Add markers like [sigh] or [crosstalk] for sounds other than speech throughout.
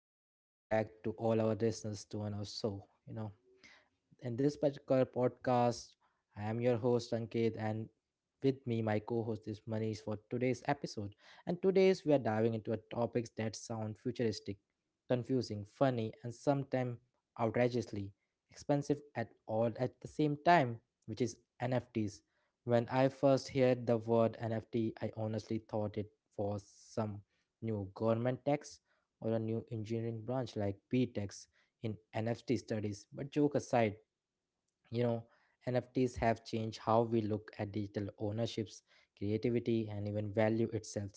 and welcome back to all our listeners to our show. You know, in this particular podcast, I am your host Ankit, and with me, my co-host is Manish for today's episode. And today's we are diving into a topics that sound futuristic, confusing, funny, and sometimes outrageously expensive at all at the same time, which is NFTs. When I first heard the word NFT, I honestly thought it was some new government tax or a new engineering branch like B Techs in NFT studies. But joke aside, you know nfts have changed how we look at digital ownerships creativity and even value itself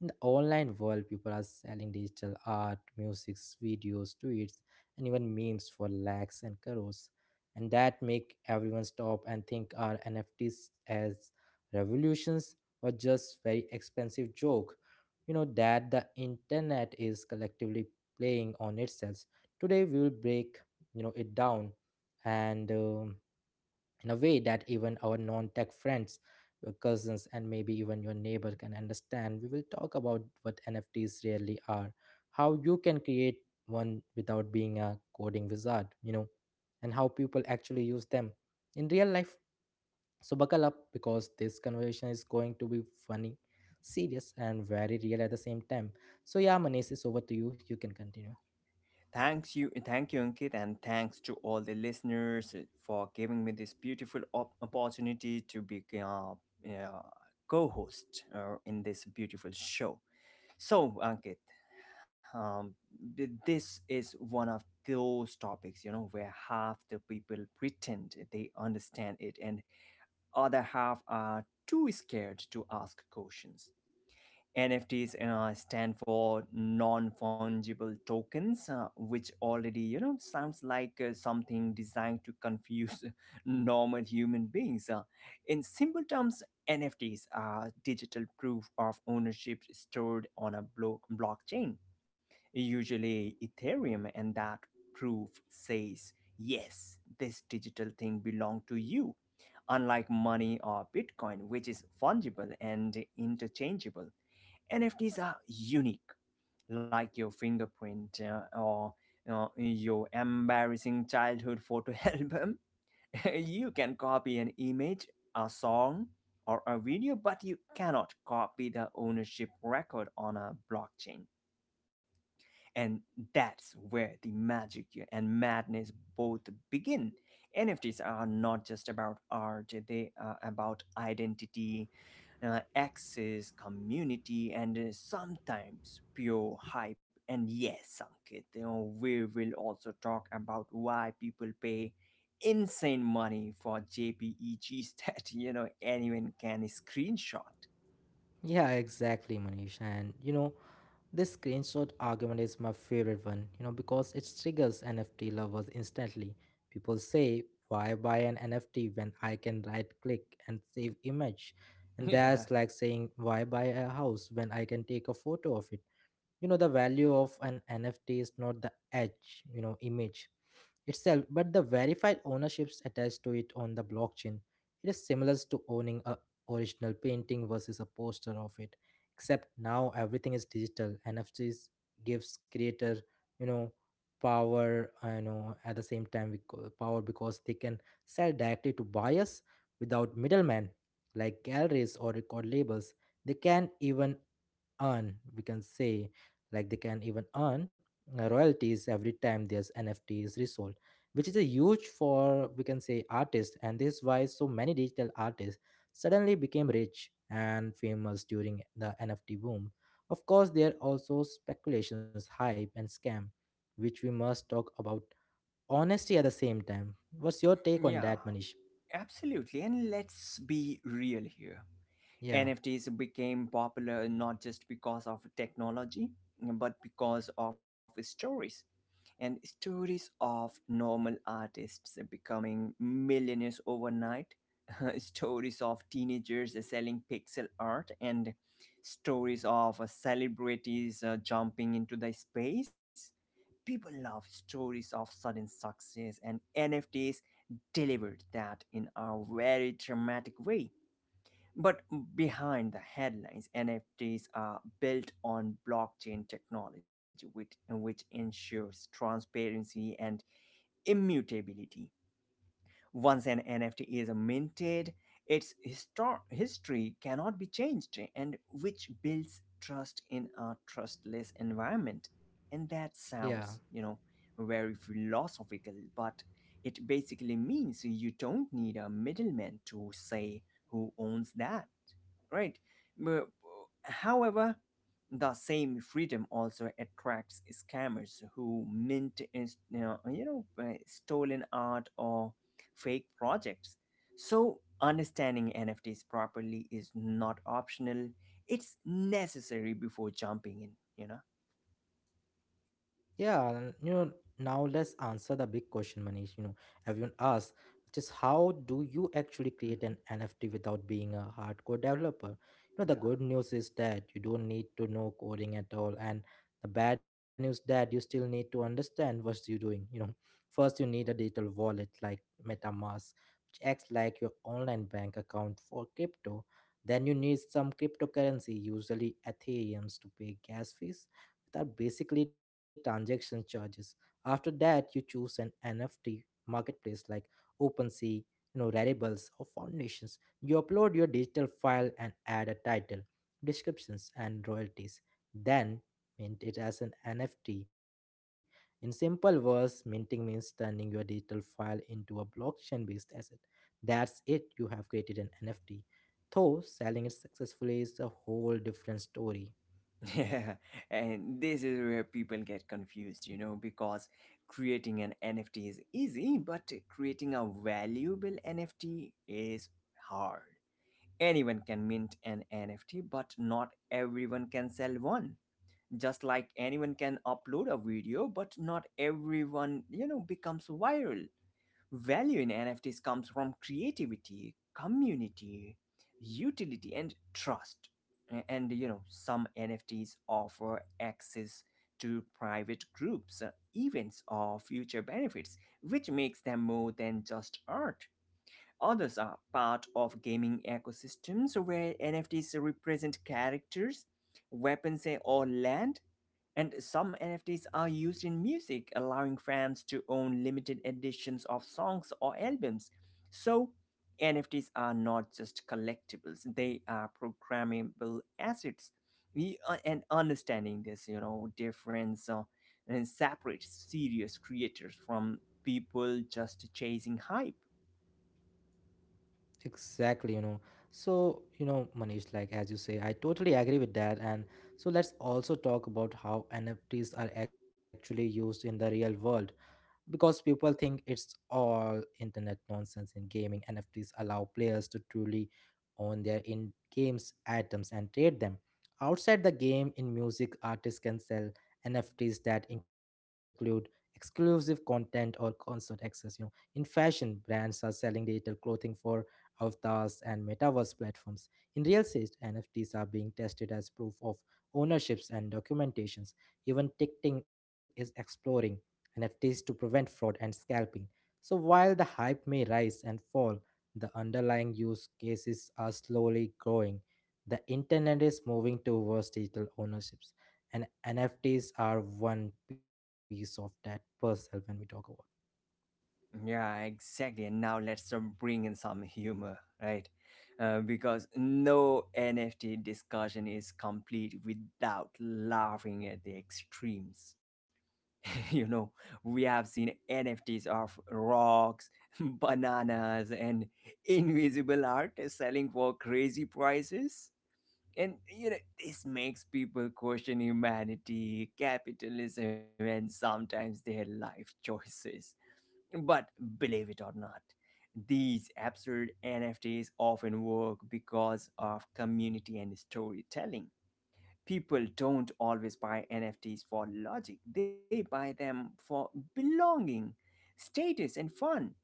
in the online world people are selling digital art music videos tweets and even memes for lakhs and crores and that make everyone stop and think are nfts as revolutions or just very expensive joke you know that the internet is collectively playing on itself today we will break it down and in a way that even our non tech friends, your cousins, and maybe even your neighbor can understand. We will talk about what NFTs really are, how you can create one without being a coding wizard, you know, and how people actually use them in real life. So, buckle up because this conversation is going to be funny, serious, and very real at the same time. So, yeah, Manish, it's over to you. You can continue. Thank you, Ankit, and thanks to all the listeners for giving me this beautiful opportunity to be uh, co-host in this beautiful show. So, Ankit, um, this is one of those topics, where half the people pretend they understand it, and other half are too scared to ask questions. NFTs stand for non-fungible tokens, which already sounds like something designed to confuse [laughs] normal human beings. In simple terms, NFTs are digital proof of ownership stored on a blockchain, usually Ethereum, and that proof says, yes, this digital thing belongs to you, unlike money or Bitcoin, which is fungible and interchangeable. NFTs are unique, like your fingerprint, or your embarrassing childhood photo [laughs] album. You can copy an image, a song, or a video, but you cannot copy the ownership record on a blockchain. And that's where the magic and madness both begin. NFTs are not just about art, they are about identity, access, community, and sometimes pure hype. And yes, Ankit, we will also talk about why people pay insane money for JPEGs [laughs] that, anyone can screenshot. Yeah, exactly, Manish. And you know, this screenshot argument is my favorite one, you know, because it triggers NFT lovers instantly. People say, why buy an NFT when I can right click and save image? [laughs] And Yeah, that's like saying, why buy a house when I can take a photo of it? You know the value of an nft is not the edge, you know, image itself but the verified ownerships attached to it on the blockchain. It is similar to owning a original painting versus a poster of it, except now everything is digital. Nfts gives creator, you know, power. I know at the same time we call power because they can sell directly to buyers without middlemen like galleries or record labels. They can even earn, we can say, like they can even earn royalties every time there's nft is resold, which is a huge for, we can say, artists. And this is why so many digital artists suddenly became rich and famous during the nft boom. Of course there are also speculations, hype and scam, which we must talk about honesty at the same time. What's your take on yeah, that, Manish? absolutely. And let's be real here. yeah NFTs became popular not just because of technology, but because of stories, and stories of normal artists becoming millionaires overnight, [laughs] stories of teenagers selling pixel art, and stories of celebrities jumping into the space. People love stories of sudden success, and NFTs delivered that in a very dramatic way. But behind the headlines, NFTs are built on blockchain technology, which ensures transparency and immutability. Once an NFT is minted, its history cannot be changed, and which builds trust in a trustless environment. And that yeah sounds, very philosophical, but it basically means you don't need a middleman to say who owns that, right? But, however, the same freedom also attracts scammers who mint is stolen art or fake projects. So understanding NFTs properly is not optional; it's necessary before jumping in. You know. Yeah, and, you know, now let's answer the big question, Manish. You know, everyone asks, which is how do you actually create Hmm. an NFT without being a hardcore developer? You know, the Yeah. good news is that you don't need to know coding at all, and the bad news that you still need to understand what you're doing. You know, first you need a digital wallet like MetaMask, which acts like your online bank account for crypto. Then you need some cryptocurrency, usually Ethereums, to pay gas fees that are basically transaction charges. After that, you choose an NFT marketplace like OpenSea, you know, Raribles or Foundations. You upload your digital file and add a title, descriptions, and royalties. Then mint it as an NFT. In simple words, minting means turning your digital file into a blockchain-based asset. That's it. You have created an NFT. Though selling it successfully is a whole different story. Yeah, [laughs] and this is where people get confused, because creating an NFT is easy, but creating a valuable NFT is hard. Anyone can mint an NFT, but not everyone can sell one. Just like anyone can upload a video, but not everyone, becomes viral. Value in NFTs comes from creativity, community, utility, and trust. And some NFTs offer access to private groups, events, or future benefits, which makes them more than just art. Others are part of gaming ecosystems where NFTs represent characters, weapons, or land, and some NFTs are used in music, allowing fans to own limited editions of songs or albums. So, NFTs are not just collectibles, they are programmable assets. And understanding this, difference and separates serious creators from people just chasing hype. Exactly, you know. So, you know, Manish, like as you say, I totally agree with that. And so let's also talk about how NFTs are actually used in the real world because people think it's all internet nonsense. In gaming, NFTs allow players to truly own their in games items and trade them. Outside the game, in music, artists can sell NFTs that include exclusive content or concert access. You know, in fashion, brands are selling digital clothing for avatars and metaverse platforms. In real estate, NFTs are being tested as proof of ownerships and documentations. Even ticketing is exploring NFTs to prevent fraud and scalping. So while the hype may rise and fall, the underlying use cases are slowly growing. The internet is moving towards digital ownerships, and NFTs are one piece of that puzzle when we talk about. Yeah, exactly. And now let's bring in some humor, right? Because no NFT discussion is complete without laughing at the extremes. [laughs] you know, we have seen NFTs of rocks, [laughs] bananas, and invisible art selling for crazy prices. And this makes people question humanity, capitalism, and sometimes their life choices. But believe it or not, these absurd NFTs often work because of community and storytelling. People don't always buy NFTs for logic, they buy them for belonging, status, and fun.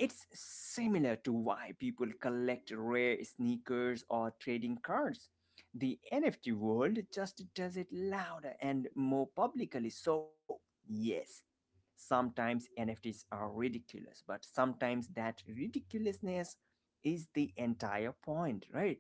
It's similar to why people collect rare sneakers or trading cards. The NFT world just does it louder and more publicly. So, yes, sometimes NFTs are ridiculous, but sometimes that ridiculousness is the entire point, right?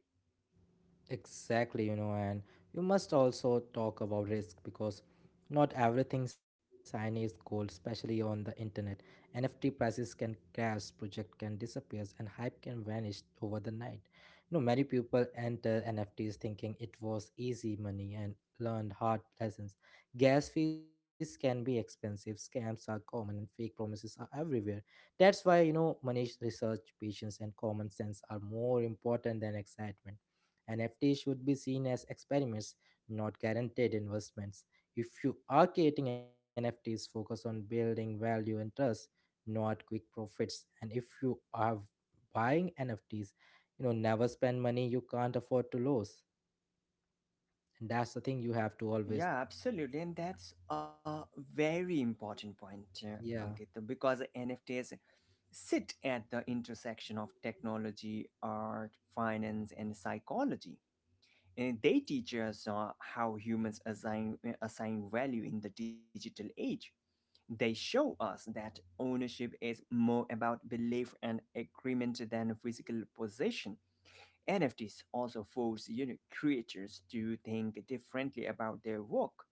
Exactly, you know, and you must also talk about risk because not everything shiny is gold, especially on the internet. NFT prices can crash, project can disappear, and hype can vanish over the night. You know, many people enter NFTs thinking it was easy money and learned hard lessons. Gas fees can be expensive, scams are common, and fake promises are everywhere. That's why, you know, money research, patience, and common sense are more important than excitement. NFT should be seen as experiments, not guaranteed investments. If you are creating NFTs, focus on building value and trust, not quick profits. And if you are buying NFTs, you know, never spend money you can't afford to lose. And that's the thing you have to always, Yeah, absolutely. And that's a very important point, Ankit, yeah. because NFTs sit at the intersection of technology, art, finance, and psychology. And they teach us how humans assign value in the digital age. They show us that ownership is more about belief and agreement than physical possession. NFTs also force unique creators to think differently about their work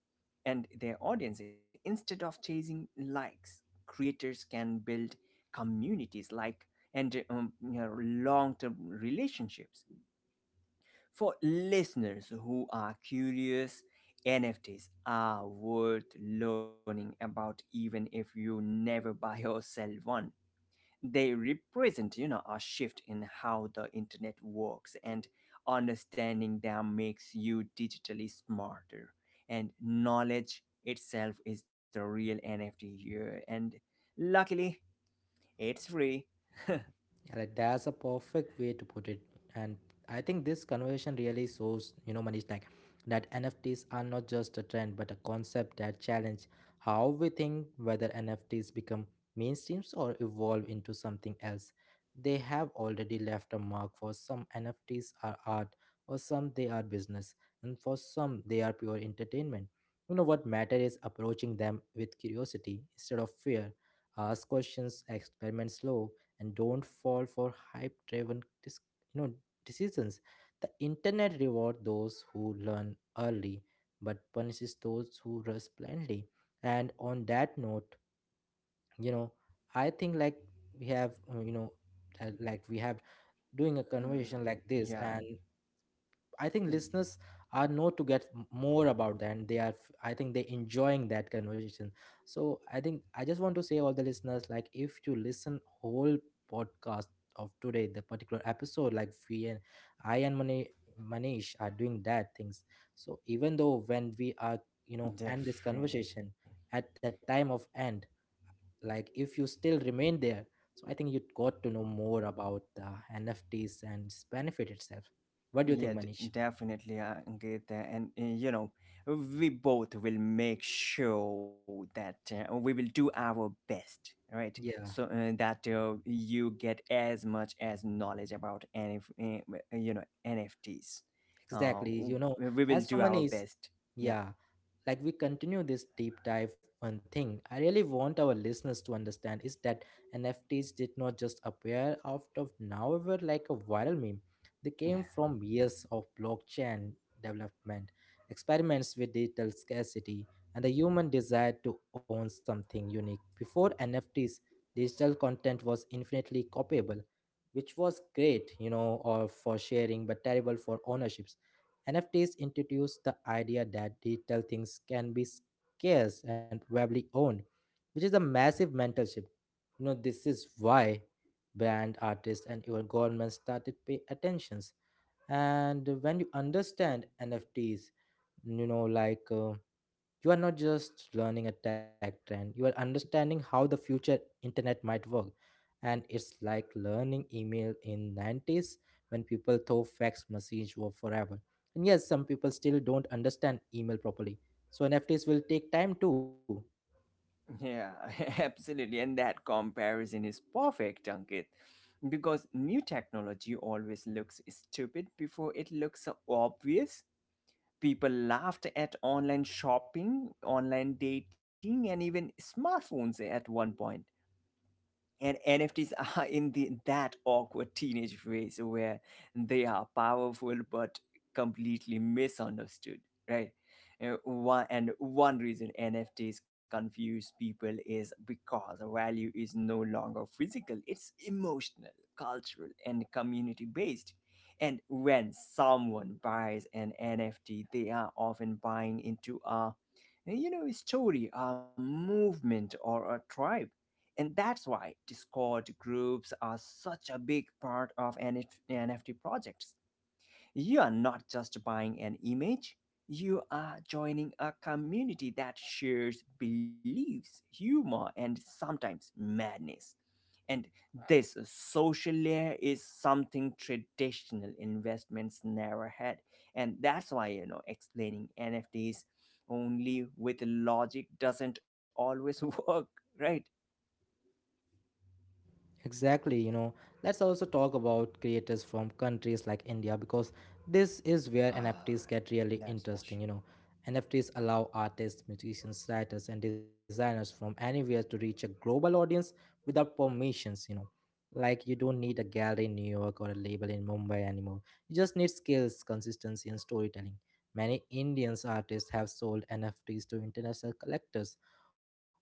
and their audience. Instead of chasing likes, creators can build communities, like, and long-term relationships. For listeners who are curious, NFTs are worth learning about even if you never buy or sell one. They represent, a shift in how the internet works, and understanding them makes you digitally smarter. And knowledge itself is the real NFT here, and luckily, it's free. Yeah, like that's a perfect way to put it. And I think this conversation really shows, you know, Manish, like that NFTs are not just a trend, but a concept that challenge how we think whether NFTs become mainstreams or evolve into something else. They have already left a mark for some. NFTs are art, or some they are business, and for some they are pure entertainment. You know what matter is approaching them with curiosity instead of fear. Ask questions, experiment slow, and don't fall for hype driven you know decisions. The internet rewards those who learn early but punishes those who rush blindly. And on that note, you know, I think like we have like we have doing a conversation Mm, like this. yeah, And I think listeners are know to get more about that and they are I think they enjoying that conversation. So I think I just want to say all the listeners, like if you listen whole podcast of today the particular episode, like we and I and Manish are doing that things. So even though when we are, you know, end this definitely. conversation at the time of end, like if you still remain there, so I think you got to know more about the NFTs and its benefit itself. What do you Yeah, think, Manish? definitely, I get that. And we both will make sure that we will do our best, right? So Yeah, that you get as much as knowledge about NFTs. Exactly. You know, We will as do someone our is, best. Yeah. yeah, like we continue this deep dive, one thing I really want our listeners to understand is that NFTs did not just appear out of nowhere like a viral meme. They came [laughs] from years of blockchain development, experiments with digital scarcity, and the human desire to own something unique. Before NFTs, digital content was infinitely copyable, which was great, you know, or for sharing but terrible for ownerships. NFTs introduced the idea that digital things can be scarce and probably owned, which is a massive mental shift. You know, this is why brand artists and even governments started pay attentions. And when you understand NFTs, you know, you are not just learning a tech trend, you are understanding how the future internet might work. And it's like learning email in 90s when people thought fax message were forever. And yes, some people still don't understand email properly, so nfts will take time too. Yeah, [laughs] absolutely. And that comparison is perfect, Ankit, because new technology always looks stupid before it looks obvious. People laughed at online shopping, online dating, and even smartphones at one point, and NFTs are [laughs] in the that awkward teenage phase where they are powerful but completely misunderstood, right? One reason NFTs confuse people is because value is no longer physical; it's emotional, cultural, and community based. And when someone buys an NFT, they are often buying into a you know a story, a movement, or a tribe, and that's why Discord groups are such a big part of NFT projects. You are not just buying an image, you are joining a community that shares beliefs, humor, and sometimes madness. And this social layer is something traditional investments never had, and that's why, explaining NFTs only with logic doesn't always [laughs] work, right? Exactly, you know, let's also talk about creators from countries like India because this is where Ah. NFTs get really That's for interesting, sure. you know. NFTs allow artists, musicians, writers, and designers from anywhere to reach a global audience without permissions, you know. Like, you don't need a gallery in New York or a label in Mumbai anymore. You just need skills, consistency, and storytelling. Many Indians artists have sold NFTs to international collectors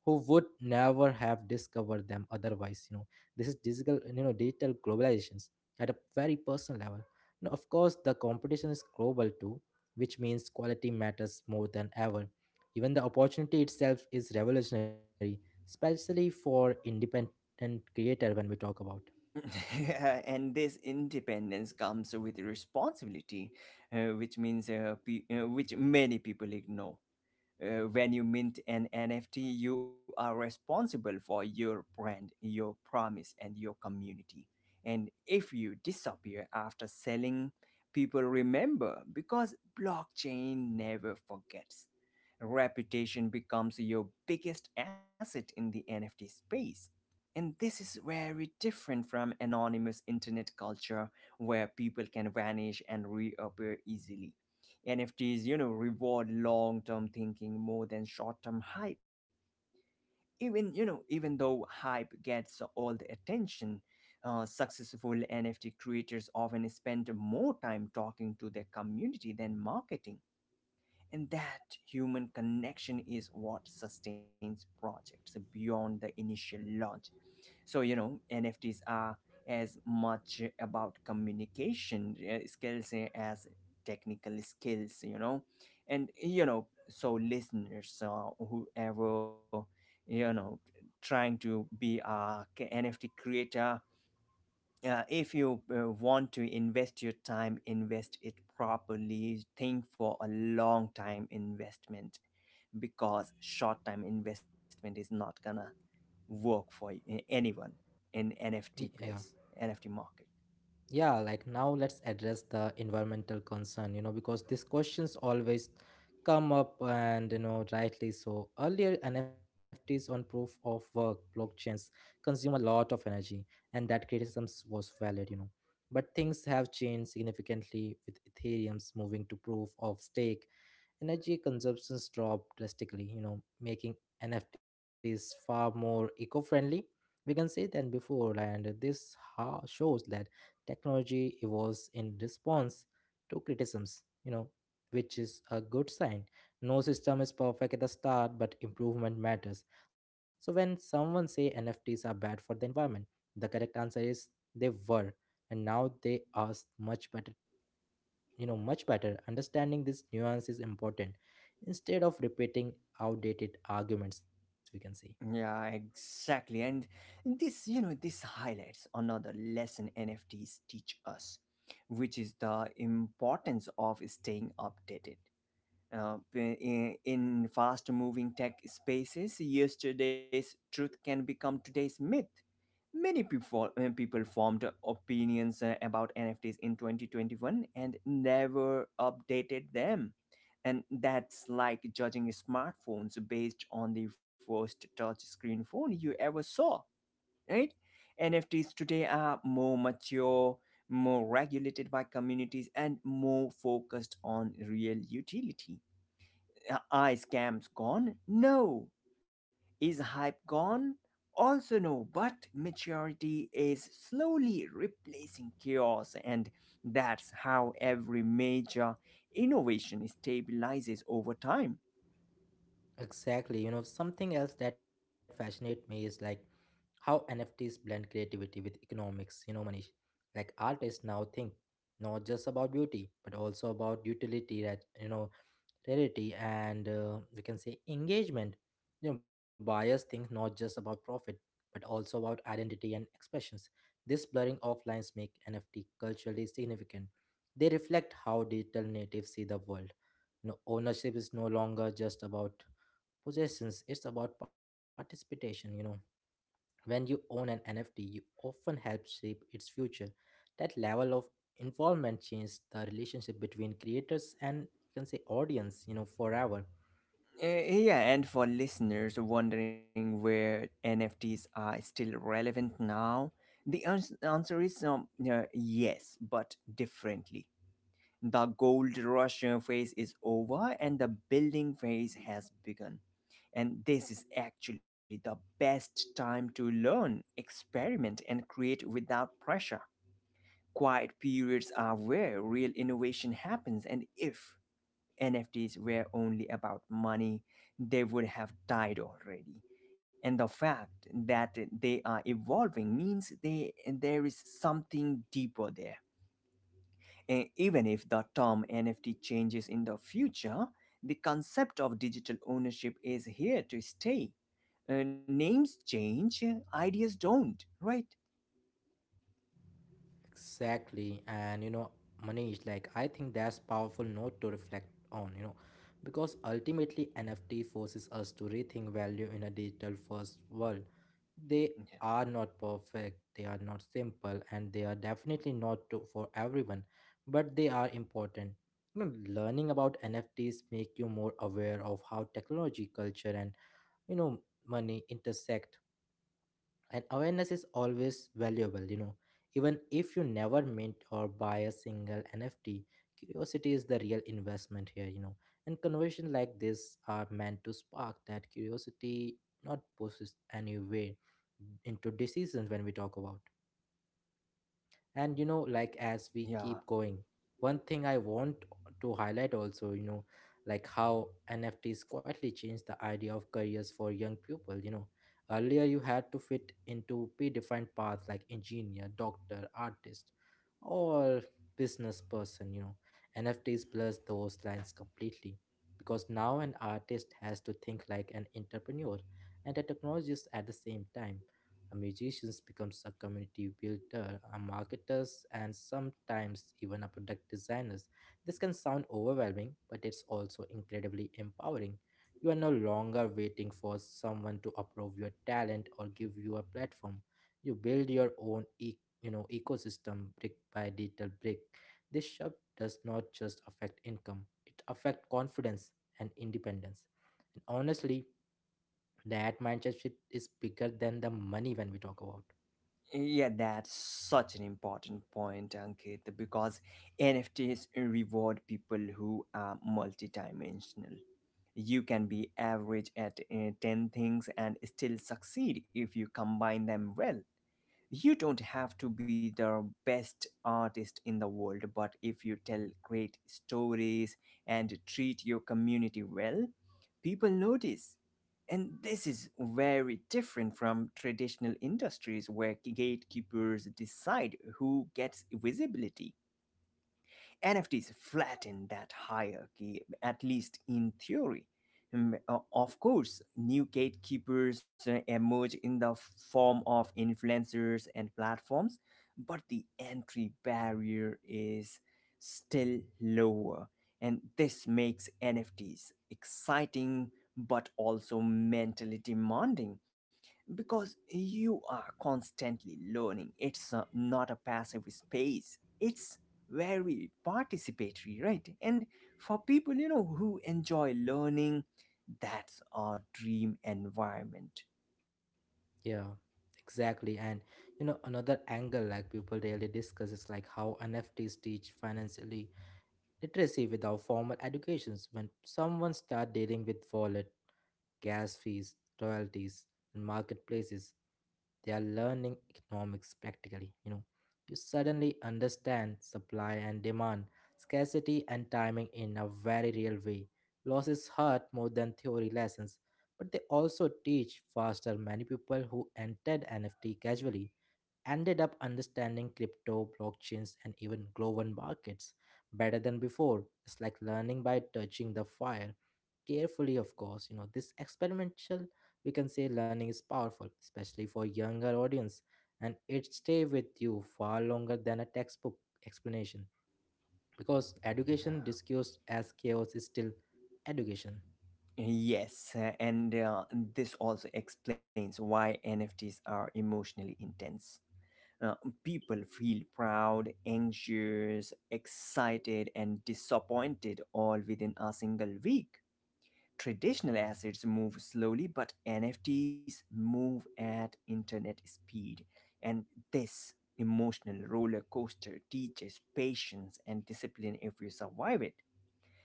who would never have discovered them otherwise, you know. This is digital, you know, digital globalizations at a very personal level. You know, of course, the competition is global too, which means quality matters more than ever. Even the opportunity itself is revolutionary, especially for independent creator when we talk about. [laughs] And this independence comes with responsibility, which means, which many people ignore. When you mint an NFT, you are responsible for your brand, your promise, and your community. And if you disappear after selling, people remember, because blockchain never forgets. Reputation becomes your biggest asset in the NFT space. And this is very different from anonymous internet culture, where people can vanish and reappear easily. NFTs, reward long-term thinking more than short-term hype. Even though hype gets all the attention, successful NFT creators often spend more time talking to their community than marketing. And that human connection is what sustains projects beyond the initial launch. So, NFTs are as much about communication skills as technical skills. You know and you know so listeners, whoever, you know trying to be a NFT creator, if you want to invest your time, invest it properly. Think for a long time investment, because short time investment is not gonna work for anyone in NFT Yeah. place, NFT market. Yeah, like now let's address the environmental concern, you know, because these questions always come up and, you know, rightly so. Earlier nfts on proof of work blockchains consume a lot of energy, and that criticism was valid, you know. But things have changed significantly with ethereum's moving to proof of stake. Energy consumptions dropped drastically, you know, making NFTs far more eco-friendly, we can say, than before. And this shows that technology evolves in response to criticisms, you know, which is a good sign. No system is perfect at the start, but improvement matters. So when someone say NFTs are bad for the environment, the correct answer is they were and now they are much better you know much Better understanding this nuance is important instead of repeating outdated arguments we can see. Yeah, exactly. And this highlights another lesson NFTs teach us, which is the importance of staying updated. In fast moving tech spaces, yesterday's truth can become today's myth. Many people people formed opinions about NFTs in 2021 and never updated them. And that's like judging smartphones based on the first touchscreen phone you ever saw, right? NFTs today are more mature, more regulated by communities, and more focused on real utility. Are scams gone? No. Is hype gone? Also, no, but maturity is slowly replacing chaos, and that's how every major innovation stabilizes over time. Exactly. You know, something else that fascinates me is like how nfts blend creativity with economics, you know, Manish, like artists now think not just about beauty but also about utility, that you know, rarity and we can say engagement. You know, buyers think not just about profit but also about identity and expressions. This blurring of lines make nft culturally significant. They reflect how digital natives see the world. You know, ownership is no longer just about possessions, it's about participation. You know, when you own an NFT, you often help shape its future. That level of involvement changed the relationship between creators and you can say audience, you know, forever. Yeah, and for listeners wondering where NFTs are still relevant now, the answer is, yes, but differently. The gold rush phase is over, and the building phase has begun. And this is actually the best time to learn, experiment, and create without pressure. Quiet periods are where real innovation happens, and if NFTs were only about money, they would have died already. And the fact that they are evolving means there is something deeper there. Even if the term NFT changes in the future, the concept of digital ownership is here to stay. Names change, ideas don't, right? Exactly. And you know, Manish, like I think that's powerful note to reflect on, you know, because ultimately NFT forces us to rethink value in a digital first world. They Yeah. are not perfect, they are not simple, and they are definitely not to, for everyone, but they are important. You know, learning about NFTs make you more aware of how technology, culture, and you know money intersect, and awareness is always valuable. You know, even if you never mint or buy a single nft, curiosity is the real investment here. You know, and conversations like this are meant to spark that curiosity, not push any way into decisions when we talk about. And you know, like as we Yeah, keep going, one thing I want to highlight also, you know, like how nfts quietly changed the idea of careers for young people. You know, earlier you had to fit into predefined paths like engineer, doctor, artist, or business person. You know, nfts blurs those lines completely because now an artist has to think like an entrepreneur and a technologist at the same time. A musicians becomes a community builder, a marketers, and sometimes even a product designers. This can sound overwhelming, but it's also incredibly empowering. You are no longer waiting for someone to approve your talent or give you a platform. You build your own ecosystem brick by little brick. This shift does not just affect income; it affects confidence and independence. And honestly, that mindset shift is bigger than the money when we talk about. yeah, that's such an important point, Ankit, because NFTs reward people who are multidimensional. You can be average at 10 things and still succeed if you combine them well. You don't have to be the best artist in the world, but if you tell great stories and treat your community well, people notice. And this is very different from traditional industries where gatekeepers decide who gets visibility. NFTs flatten that hierarchy, at least in theory. Of course, new gatekeepers emerge in the form of influencers and platforms, but the entry barrier is still lower. And this makes NFTs exciting but also mentally demanding, because you are constantly learning. It's not a passive space, it's very participatory, right? And for people, who enjoy learning, that's our dream environment. Yeah, exactly. And you know, another angle like people rarely discuss is like how nfts teach financially literacy without formal educations, when someone start dealing with wallet, gas fees, royalties, and marketplaces. They are learning economics practically, you know. You suddenly understand supply and demand, scarcity and timing in a very real way. Losses hurt more than theory lessons, but they also teach faster. Many people who entered NFT casually ended up understanding crypto, blockchains, and even global markets better than before. It's like learning by touching the fire carefully, of course. You know, this experimental, we can say, learning is powerful, especially for younger audience, and it stay with you far longer than a textbook explanation, because Yeah. education discussed as chaos is still education. Yes and this also explains why nfts are emotionally intense uh, people feel proud anxious excited and disappointed all within a single week. Traditional assets move slowly, but NFTs move at internet speed. And this emotional roller coaster teaches patience and discipline if you survive it.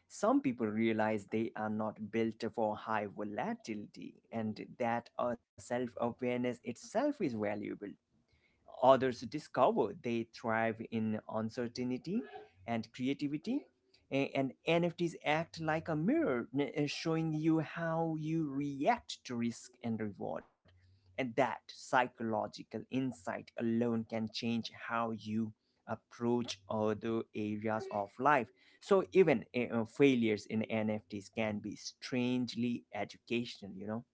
Some people realize they are not built for high volatility and that our self awareness itself is valuable. Others discover they thrive in uncertainty and creativity. And NFTs act like a mirror, showing you how you react to risk and reward. And that psychological insight alone can change how you approach other areas of life. So even failures in nfts can be strangely educational.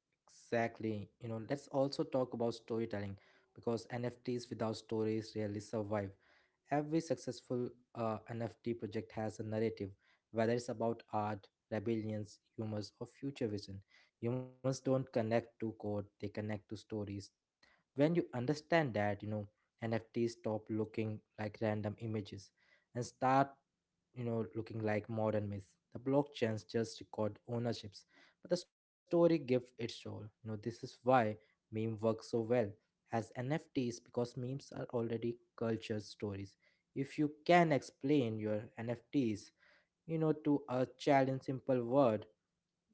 Exactly. You know, let's also talk about storytelling because NFTs without stories rarely survive. Every successful NFT project has a narrative, whether it's about art, rebellions, humors, or future vision. Humans don't connect to code, they connect to stories. When you understand that, you know, nfts stop looking like random images and start, you know, looking like modern myths. The blockchains just record ownerships, but the story gives it soul. You know, this is why meme works so well as nfts, because memes are already culture stories. If you can explain your nfts, you know, to a child in simple word,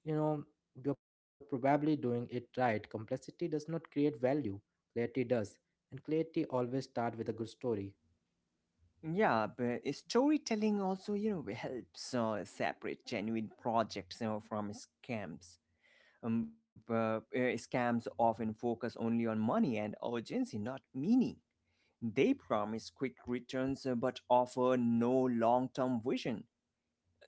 you know, you're probably doing it right. Complexity does not create value, clarity does, and clarity always starts with a good story. Yeah, but storytelling also, you know, helps separate genuine projects, you know, from scams. Scams often focus only on money and urgency, not meaning. They promise quick returns, but offer no long term vision.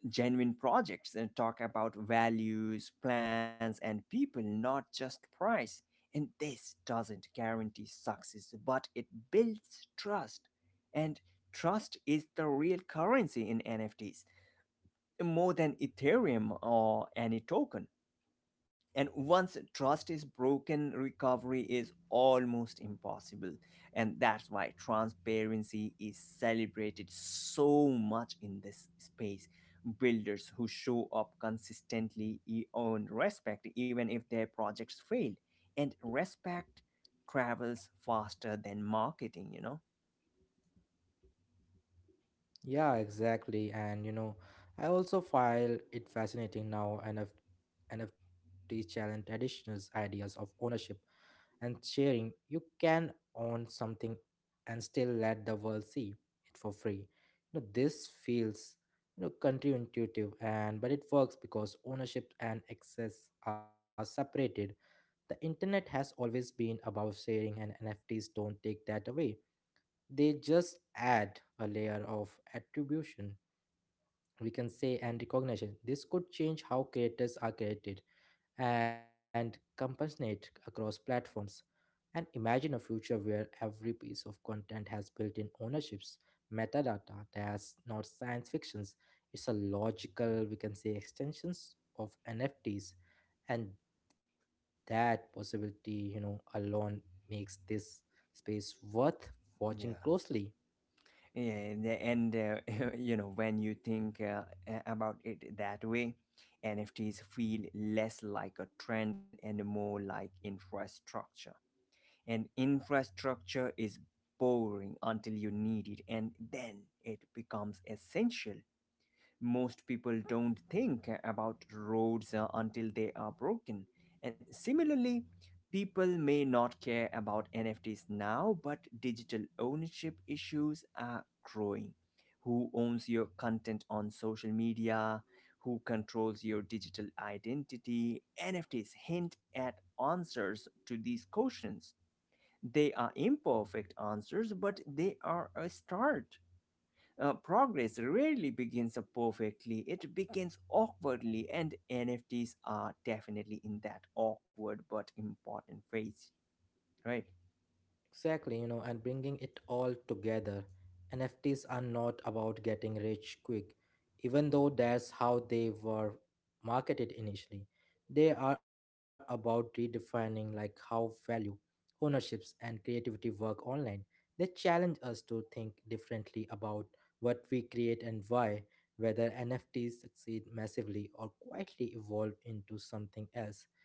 Genuine projects talk about values, plans, and people, not just price. And this doesn't guarantee success, but it builds trust. And trust is the real currency in NFTs, more than Ethereum or any token. And once trust is broken, recovery is almost impossible. And that's why transparency is celebrated so much in this space. Builders who show up consistently earn respect, even if their projects fail. And respect travels faster than marketing, you know? Yeah, exactly. And you know, I also find it fascinating now, and nfts challenge traditional ideas of ownership and sharing. You can own something and still let the world see it for free. You know, this feels, you know, counterintuitive, and but it works because ownership and access are separated. The internet has always been about sharing and NFTs don't take that away. They just add a layer of attribution, we can say, and recognition. This could change how creators are created and compensate across platforms, and imagine a future where every piece of content has built in ownerships, metadata. That's not science fictions. It's a logical, we can say, extensions of NFTs. And that possibility, you know, alone makes this space worth watching Yeah. closely. And [laughs] You know, when you think about it that way, nfts feel less like a trend and more like infrastructure, and infrastructure is boring until you need it, and then it becomes essential. Most people don't think about roads until they are broken. And similarly, people may not care about NFTs now, but digital ownership issues are growing. Who owns your content on social media? Who controls your digital identity? NFTs hint at answers to these questions. They are imperfect answers, but they are a start. Progress rarely begins perfectly, it begins awkwardly, and NFTs are definitely in that awkward but important phase, right? Exactly, you know, and bringing it all together, NFTs are not about getting rich quick, even though that's how they were marketed initially. They are about redefining like how value, ownerships and creativity work online. They challenge us to think differently about what we create and why, whether NFTs succeed massively or quietly evolve into something else,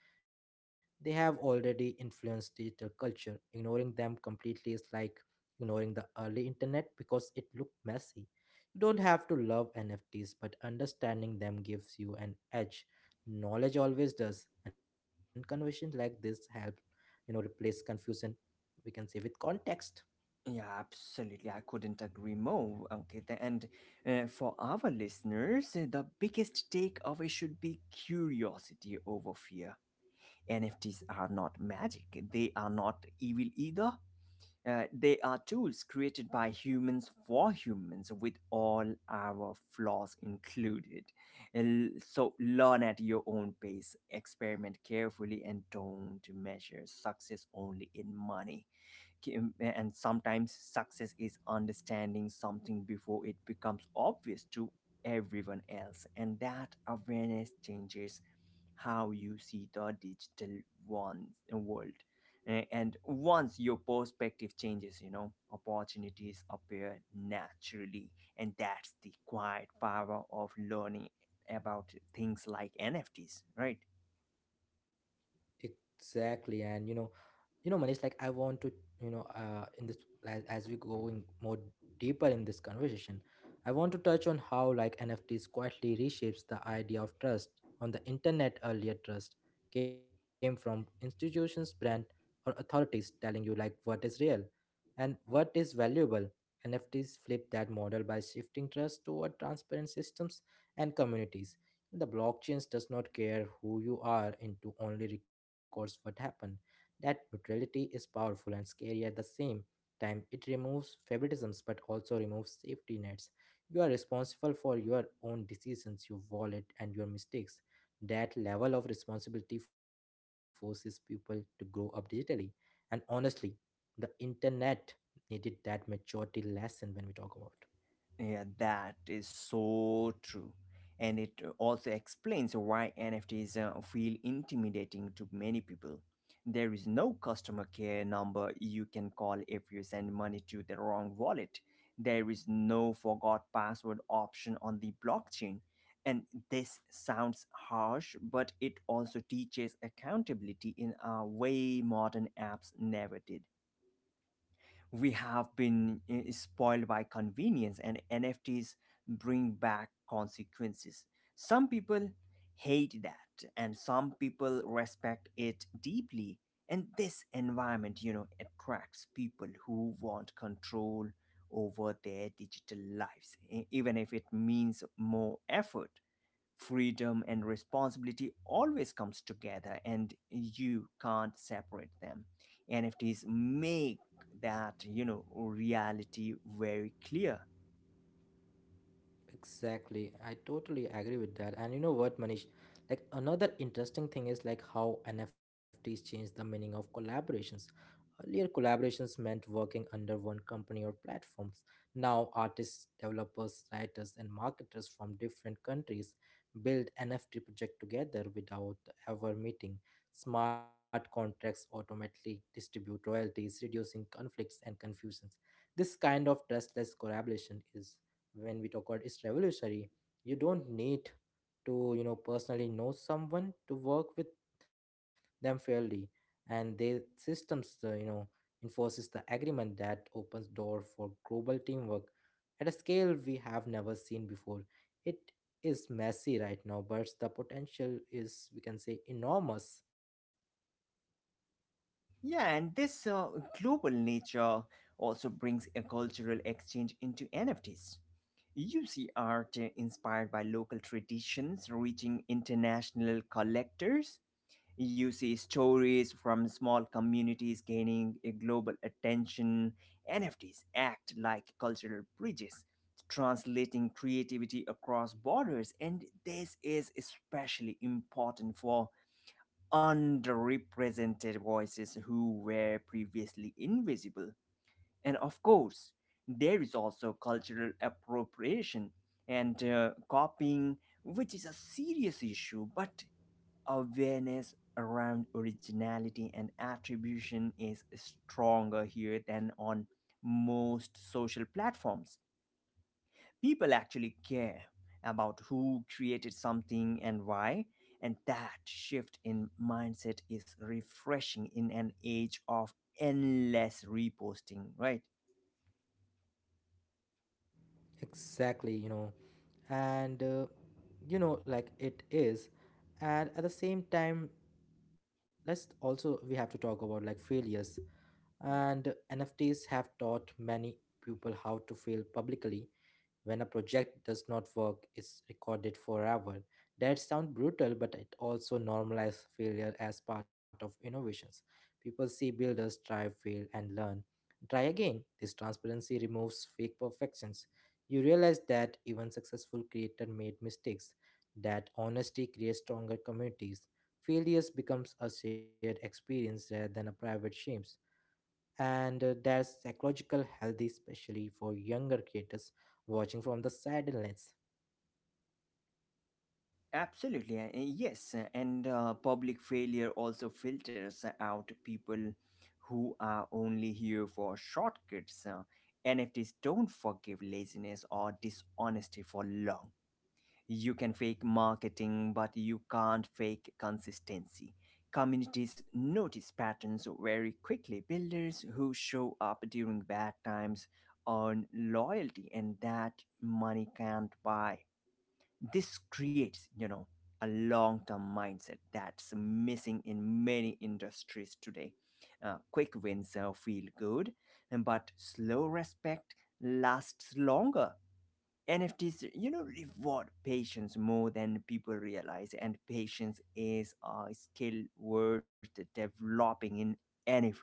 they have already influenced digital culture. Ignoring them completely is like ignoring the early internet because it looked messy. You don't have to love NFTs, but understanding them gives you an edge. Knowledge always does, and conversations like this help, you know, replace confusion, we can say, with context. Yeah, absolutely. I couldn't agree more, Ankita. And for our listeners, the biggest takeaway should be curiosity over fear. NFTs are not magic, they are not evil either. They are tools created by humans for humans, with all our flaws included. And so learn at your own pace, experiment carefully, and don't measure success only in money. And sometimes success is understanding something before it becomes obvious to everyone else, and that awareness changes how you see the digital one, world. And once your perspective changes, you know, opportunities appear naturally. And that's the quiet power of learning about things like NFTs, right? Exactly, and you know, Manish, like I want to, you know, in this, as we going more deeper in this conversation, I want to touch on how like nfts quietly reshapes the idea of trust on the internet. Earlier trust came from institutions, brand, or authorities telling you like what is real and what is valuable. NFTs flip that model by shifting trust toward transparent systems and communities. The blockchains does not care who you are into, only records what happened. That neutrality is powerful and scary at the same time. It removes favoritisms but also removes safety nets. You are responsible for your own decisions, your wallet, and your mistakes. That level of responsibility forces people to grow up digitally. And honestly, the internet needed that maturity lesson when we talk about. Yeah, that is so true. And it also explains why NFTs feel intimidating to many people. There is no customer care number you can call if you send money to the wrong wallet. There is no forgot password option on the blockchain. And this sounds harsh, but it also teaches accountability in a way modern apps never did. We have been spoiled by convenience, and nfts bring back consequences. Some people hate that and some people respect it deeply, and this environment, you know, attracts people who want control over their digital lives, even if it means more effort. Freedom and responsibility always comes together and you can't separate them. Nfts make that, you know, reality very clear. Exactly. I totally agree with that. And you know what, Manish? Like another interesting thing is like how NFTs change the meaning of collaborations. Earlier, collaborations meant working under one company or platforms. Now, artists, developers, writers, and marketers from different countries build NFT project together without ever meeting. Smart contracts automatically distribute royalties, reducing conflicts and confusions. This kind of trustless collaboration is, when we talk about, is revolutionary. You don't need to, you know, personally know someone to work with them fairly, and their systems, you know, enforces the agreement. That opens door for global teamwork at a scale we have never seen before. It is messy right now, but the potential is, we can say, enormous. Yeah, and this global nature also brings a cultural exchange into nfts. You see art inspired by local traditions reaching international collectors. You see stories from small communities gaining a global attention. NFTs act like cultural bridges, translating creativity across borders, and this is especially important for underrepresented voices who were previously invisible. And of course, there is also cultural appropriation and copying, which is a serious issue, but awareness around originality and attribution is stronger here than on most social platforms. People actually care about who created something and why, and that shift in mindset is refreshing in an age of endless reposting, right? Exactly. You know, and you know, like it is, and at the same time, let's also, we have to talk about like failures, and nfts have taught many people how to fail publicly. When a project does not work, it's recorded forever. That sounds brutal, but it also normalizes failure as part of innovations. People see builders try, fail, and learn. Try again. This transparency removes fake perfections. You realize that even successful creators made mistakes. That honesty creates stronger communities. Failures becomes a shared experience rather than a private shame, and there's psychological healthy, especially for younger creators watching from the sadness. Absolutely, yes. And Public failure also filters out people who are only here for shortcuts. NFTs don't forgive laziness or dishonesty for long. You can fake marketing, but you can't fake consistency. Communities notice patterns very quickly. Builders who show up during bad times earn loyalty, and that money can't buy. This creates, you know, a long-term mindset that's missing in many industries today. Quick wins feel good but slow respect lasts longer. Nfts, you know, reward patience more than people realize, and patience is a skill worth developing in any field.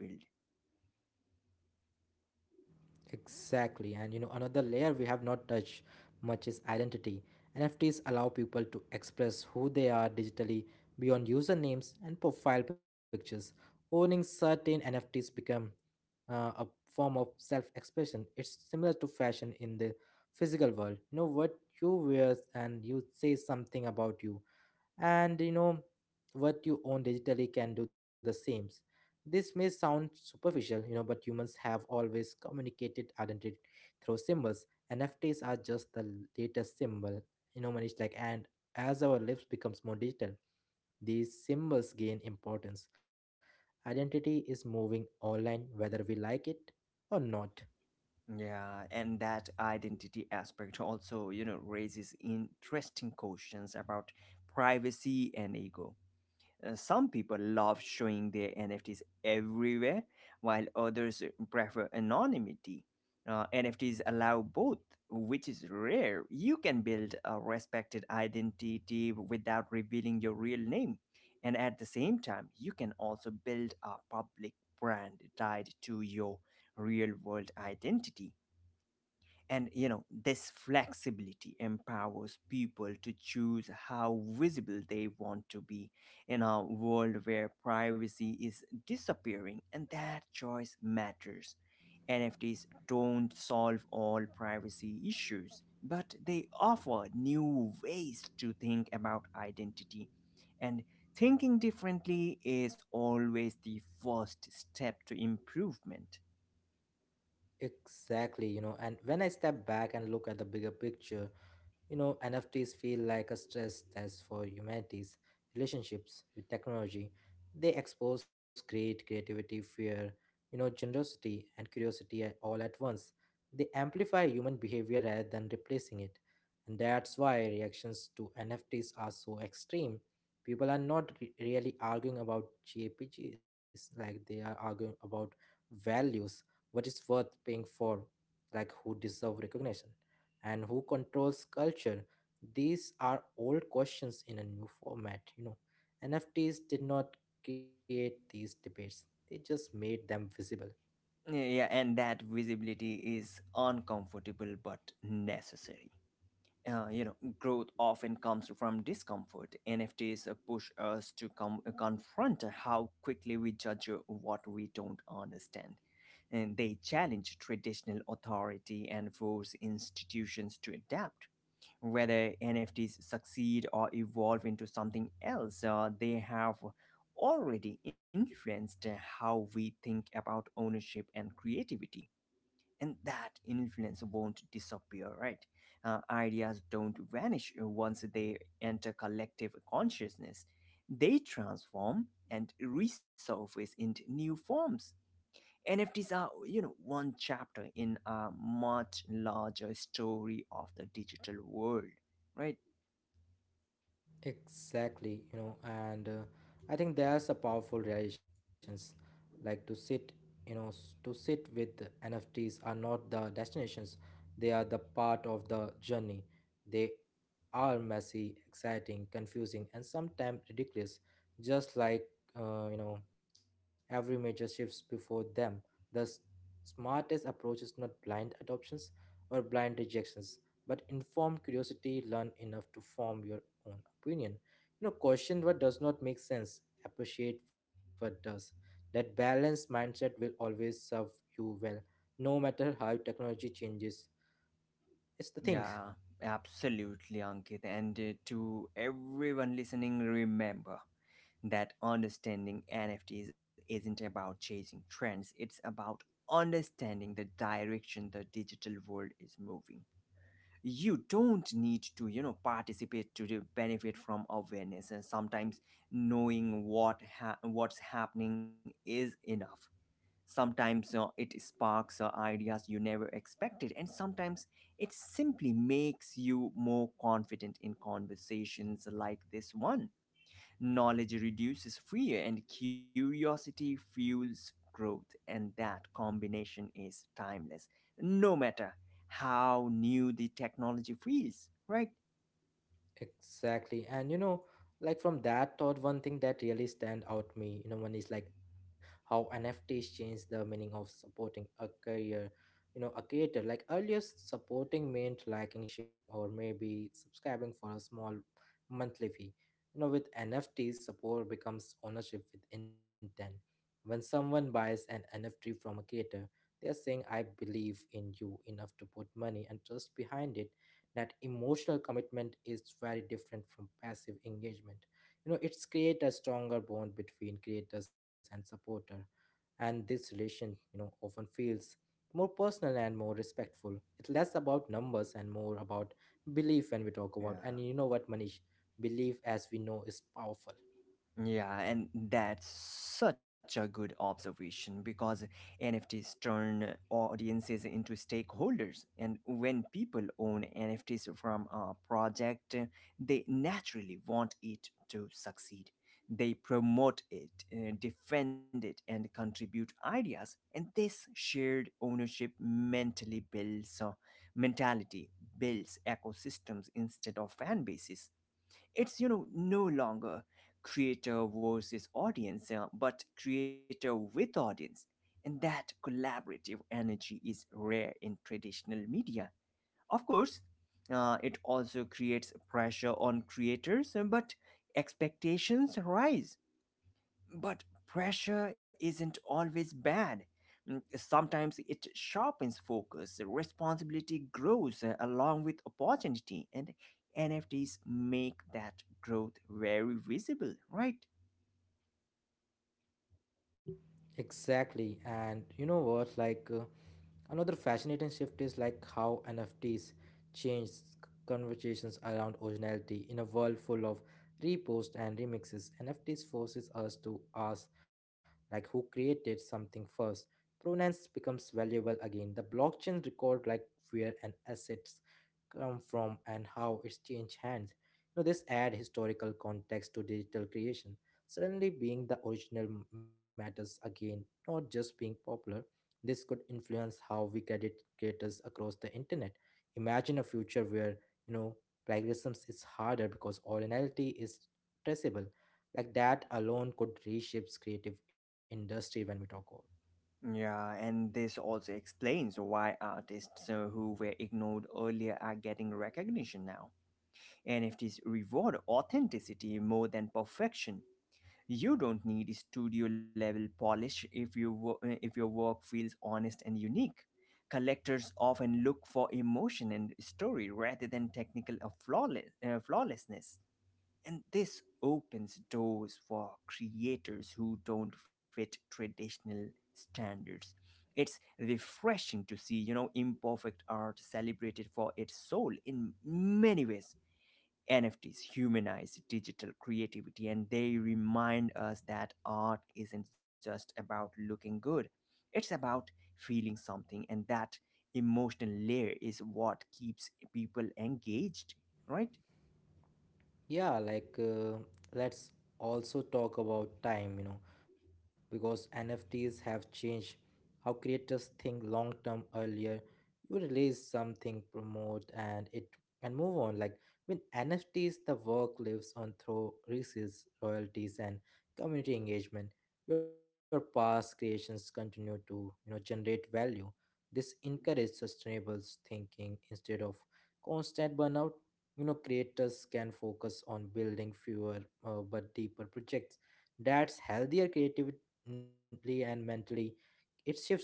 Exactly. And you know, another layer we have not touched much is identity. Nfts allow people to express who they are digitally beyond usernames and profile pictures. Owning certain nfts become a form of self-expression. It's similar to fashion in the physical world. You know, what you wear and you say something about you, and you know, what you own digitally can do the same. This may sound superficial, you know, but humans have always communicated identity through symbols. Nfts are just the latest symbol. You know, Manish, like, and as our lives becomes more digital, these symbols gain importance. Identity is moving online whether we like it or not. Yeah, and that identity aspect also, you know, raises interesting questions about privacy and ego. Some people love showing their NFTs everywhere, while others prefer anonymity. NFTs allow both, which is rare. You can build a respected identity without revealing your real name. And at the same time, you can also build a public brand tied to your real world identity. And you know, this flexibility empowers people to choose how visible they want to be in a world where privacy is disappearing, and that choice matters. NFTs don't solve all privacy issues, but they offer new ways to think about identity. And thinking differently is always the first step to improvement. Exactly. You know, and when I step back and look at the bigger picture, you know, NFTs feel like a stress test for humanity's relationships with technology. They expose great creativity, fear, you know, generosity, and curiosity all at once. They amplify human behavior rather than replacing it. And that's why reactions to NFTs are so extreme. People are not really arguing about JPGs, like they are arguing about values, what is worth paying for, like who deserve recognition and who controls culture? These are old questions in a new format, you know. NFTs did not create these debates, they just made them visible. Yeah, yeah, and that visibility is uncomfortable but necessary. You know, growth often comes from discomfort. NFTs push us to confront how quickly we judge what we don't understand. And they challenge traditional authority and force institutions to adapt. Whether NFTs succeed or evolve into something else, they have already influenced how we think about ownership and creativity. And that influence won't disappear, right? Ideas don't vanish once they enter collective consciousness. They transform and resurface into new forms. NFTs are, you know, one chapter in a much larger story of the digital world, right? Exactly, you know, and I think there's a powerful realizations like to sit, you know, to sit with. NFTs are not the destinations, they are the part of the journey. They are messy, exciting, confusing, and sometimes ridiculous, just like, you know, every major shifts before them. The smartest approach is not blind adoptions or blind rejections, but informed curiosity. Learn enough to form your own opinion. You know, question what does not make sense, appreciate what does. That balanced mindset will always serve you well no matter how technology changes. It's the thing. Yeah, absolutely, Ankit. And to everyone listening, remember that understanding NFTs isn't about chasing trends, it's about understanding the direction the digital world is moving. You don't need to, you know, participate to the benefit from awareness, and sometimes knowing what what's happening is enough. Sometimes it sparks ideas you never expected, and sometimes it simply makes you more confident in conversations like this one. Knowledge reduces fear, and curiosity fuels growth, and that combination is timeless, no matter how new the technology feels, right? Exactly. And you know, like from that thought, one thing that really stand out me, you know, one is like how NFTs change the meaning of supporting a career, you know, a creator. Like earlier, supporting meant liking, sharing, or maybe subscribing for a small monthly fee. You know, with NFTs, support becomes ownership with intent. When someone buys an NFT from a creator, they are saying, I believe in you enough to put money and trust behind it. That emotional commitment is very different from passive engagement. You know, it's create a stronger bond between creators and supporter, and this relation, you know, often feels more personal and more respectful. It's less about numbers and more about belief when we talk about. Yeah. And you know what, Manish, belief, as we know, is powerful. Yeah, and that's such a good observation because NFTs turn audiences into stakeholders. And when people own NFTs from a project, they naturally want it to succeed. They promote it, defend it, and contribute ideas. And this shared ownership mentally builds mentality, builds ecosystems instead of fan bases. It's, you know, no longer creator versus audience, but creator with audience. And that collaborative energy is rare in traditional media. Of course, it also creates pressure on creators, but expectations rise. But pressure isn't always bad. Mm, sometimes it sharpens focus, responsibility grows along with opportunity, and NFTs make that growth very visible, right? Exactly. And you know what, like, another fascinating shift is like how NFTs change conversations around originality in a world full of reposts and remixes. NFTs forces us to ask like who created something first. Provenance becomes valuable again. The blockchain record like where an assets come from and how it's changed hands. You know, this add historical context to digital creation. Suddenly being the original matters again, not just being popular. This could influence how we credit creators across the internet. Imagine a future where, you know, plagiarism is harder because originality is traceable. Like that alone could reshape creative industry when we talk. Yeah, and this also explains why artists who were ignored earlier are getting recognition now. NFTs reward authenticity more than perfection. You don't need studio level polish if you if your work feels honest and unique. Collectors often look for emotion and story rather than technical or flawless, flawlessness, and this opens doors for creators who don't fit traditional standards. It's refreshing to see, you know, imperfect art celebrated for its soul in many ways. NFTs humanize digital creativity and they remind us that art isn't just about looking good, it's about feeling something, and that emotional layer is what keeps people engaged, right? Yeah, like, let's also talk about time, you know, because NFTs have changed how creators think long term earlier. You release something, promote and it and move on. Like with NFTs, the work lives on through resales, royalties and community engagement. Your past creations continue to, you know, generate value. This encourages sustainable thinking instead of constant burnout. You know, creators can focus on building fewer, but deeper projects. That's healthier creatively and mentally. It shifts the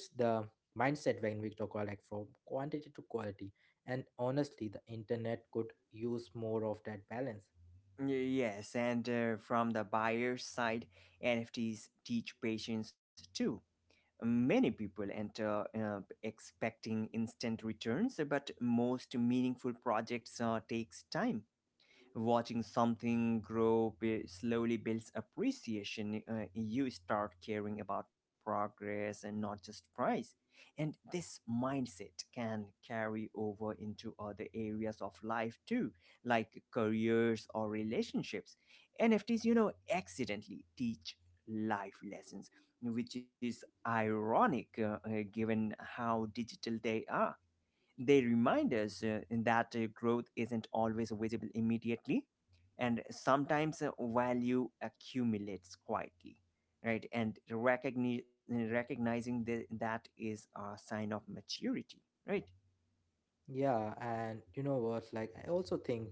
mindset when we talk about, like, from quantity to quality. And honestly, the internet could use more of that balance. Yes, and from the buyer's side, NFTs teach patience too. Many people enter expecting instant returns, but most meaningful projects takes time. Watching something grow slowly builds appreciation. You start caring about progress and not just price. And this mindset can carry over into other areas of life too, like careers or relationships. NFTs, you know, accidentally teach life lessons, which is ironic given how digital they are. They remind us that growth isn't always visible immediately, and sometimes value accumulates quietly, right? And recognizing the, that is a sign of maturity, right? Yeah, and you know what, like, I also think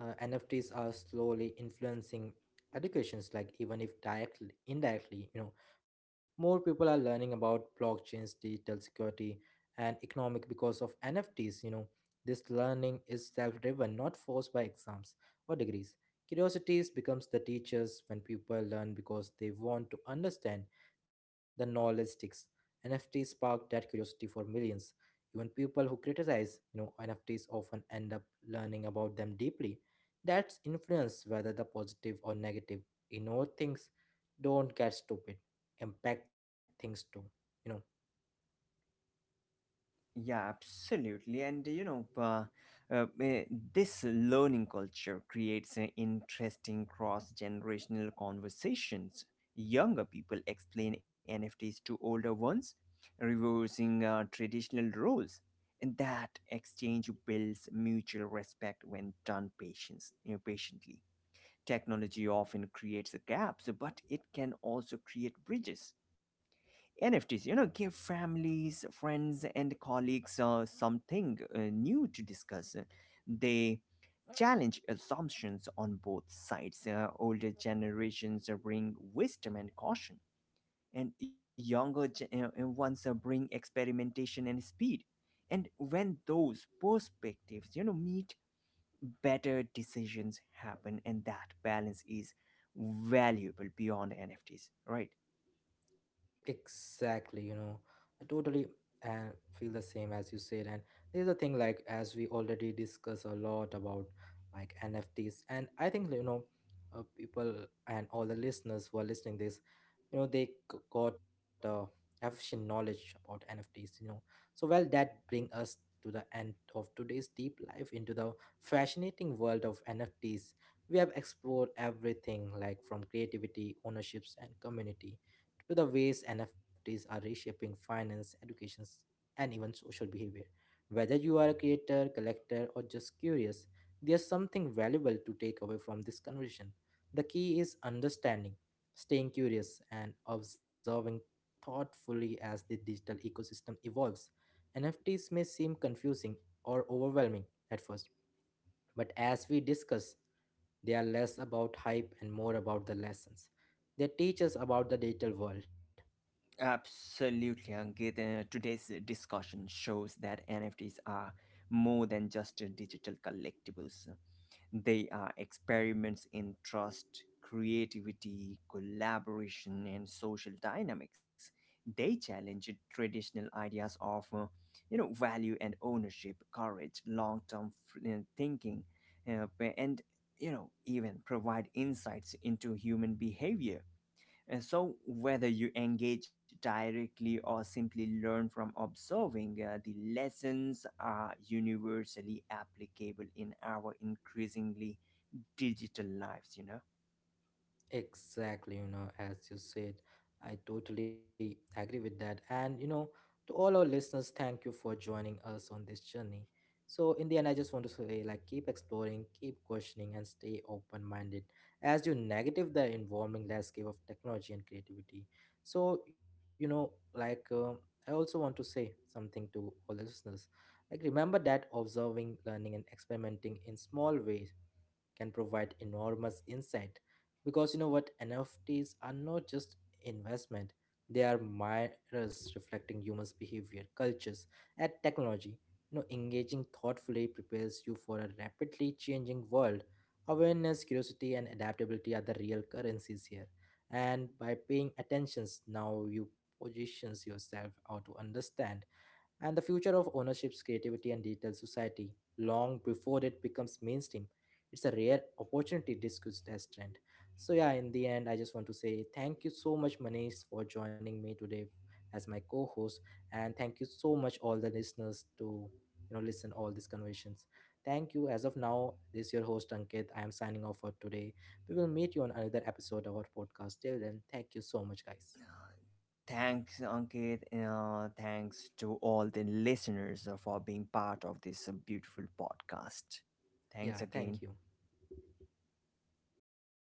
NFTs are slowly influencing educations, like even if directly, indirectly, you know, more people are learning about blockchains, digital security, and economic because of NFTs. You know, this learning is self-driven, not forced by exams or degrees. Curiosities becomes the teachers when people learn because they want to understand. The knowledge sticks. NFTs spark that curiosity for millions. Even people who criticize, you know, NFTs often end up learning about them deeply. That's influence whether the positive or negative. You know, things don't get stupid, impact things too. You know. Yeah, absolutely. And you know, uh, eh, this learning culture creates interesting cross generational conversations. Younger people explain NFTs to older ones, reversing traditional roles. And that exchange builds mutual respect when done patience, you know, patiently. Technology often creates gaps, but it can also create bridges. NFTs, you know, give families, friends, and colleagues something new to discuss. They challenge assumptions on both sides. Older generations bring wisdom and caution, and ones bring experimentation and speed. And when those perspectives, you know, meet, better decisions happen, and that balance is valuable beyond NFTs, right? Exactly, you know, I totally feel the same as you said. And there's a thing like, as we already discuss a lot about like NFTs, and I think, you know, people and all the listeners who are listening this, you know, they got a efficient knowledge about NFTs, you know. So, well, that bring us to the end of today's deep dive into the fascinating world of NFTs. We have explored everything like from creativity, ownerships, and community to the ways NFTs are reshaping finance, education, and even social behavior. Whether you are a creator, collector, or just curious, there's something valuable to take away from this conversation. The key is understanding, staying curious, and observing thoughtfully as the digital ecosystem evolves. NFTs may seem confusing or overwhelming at first, but as we discuss, they are less about hype and more about the lessons. They teach us about the digital world. Absolutely, Ankit. Today's discussion shows that NFTs are more than just digital collectibles. They are experiments in trust, creativity, collaboration, and social dynamics. They challenge traditional ideas of, you know, value and ownership, courage, long-term thinking, uh, and you know, even provide insights into human behavior. And so, whether you engage directly or simply learn from observing, the lessons are universally applicable in our increasingly digital lives, you know. Exactly, you know, as you said, I totally agree with that. And, you know, to all our listeners, thank you for joining us on this journey. So, in the end, I just want to say, like, keep exploring, keep questioning, and stay open minded as you negative the evolving landscape of technology and creativity. So, you know, like, I also want to say something to all the listeners. Like, remember that observing, learning, and experimenting in small ways can provide enormous insight because, you know what, NFTs are not just investment. They are mirrors reflecting humans behavior, cultures, and technology. You know, engaging thoughtfully prepares you for a rapidly changing world. Awareness, curiosity, and adaptability are the real currencies here. And by paying attentions now, you positions yourself how to understand and the future of ownerships, creativity, and digital society long before it becomes mainstream. It's a rare opportunity discussed as trend. So yeah, in the end, I just want to say thank you so much, Manish, for joining me today as my co-host, and thank you so much all the listeners to, you know, listen all these conversations. Thank you. As of now, this is your host Ankit. I am signing off for today. We will meet you on another episode of our podcast. Till then, thank you so much, guys. Thanks, Ankit. Thanks to all the listeners for being part of this beautiful podcast. Yeah, Thanks thank you. again.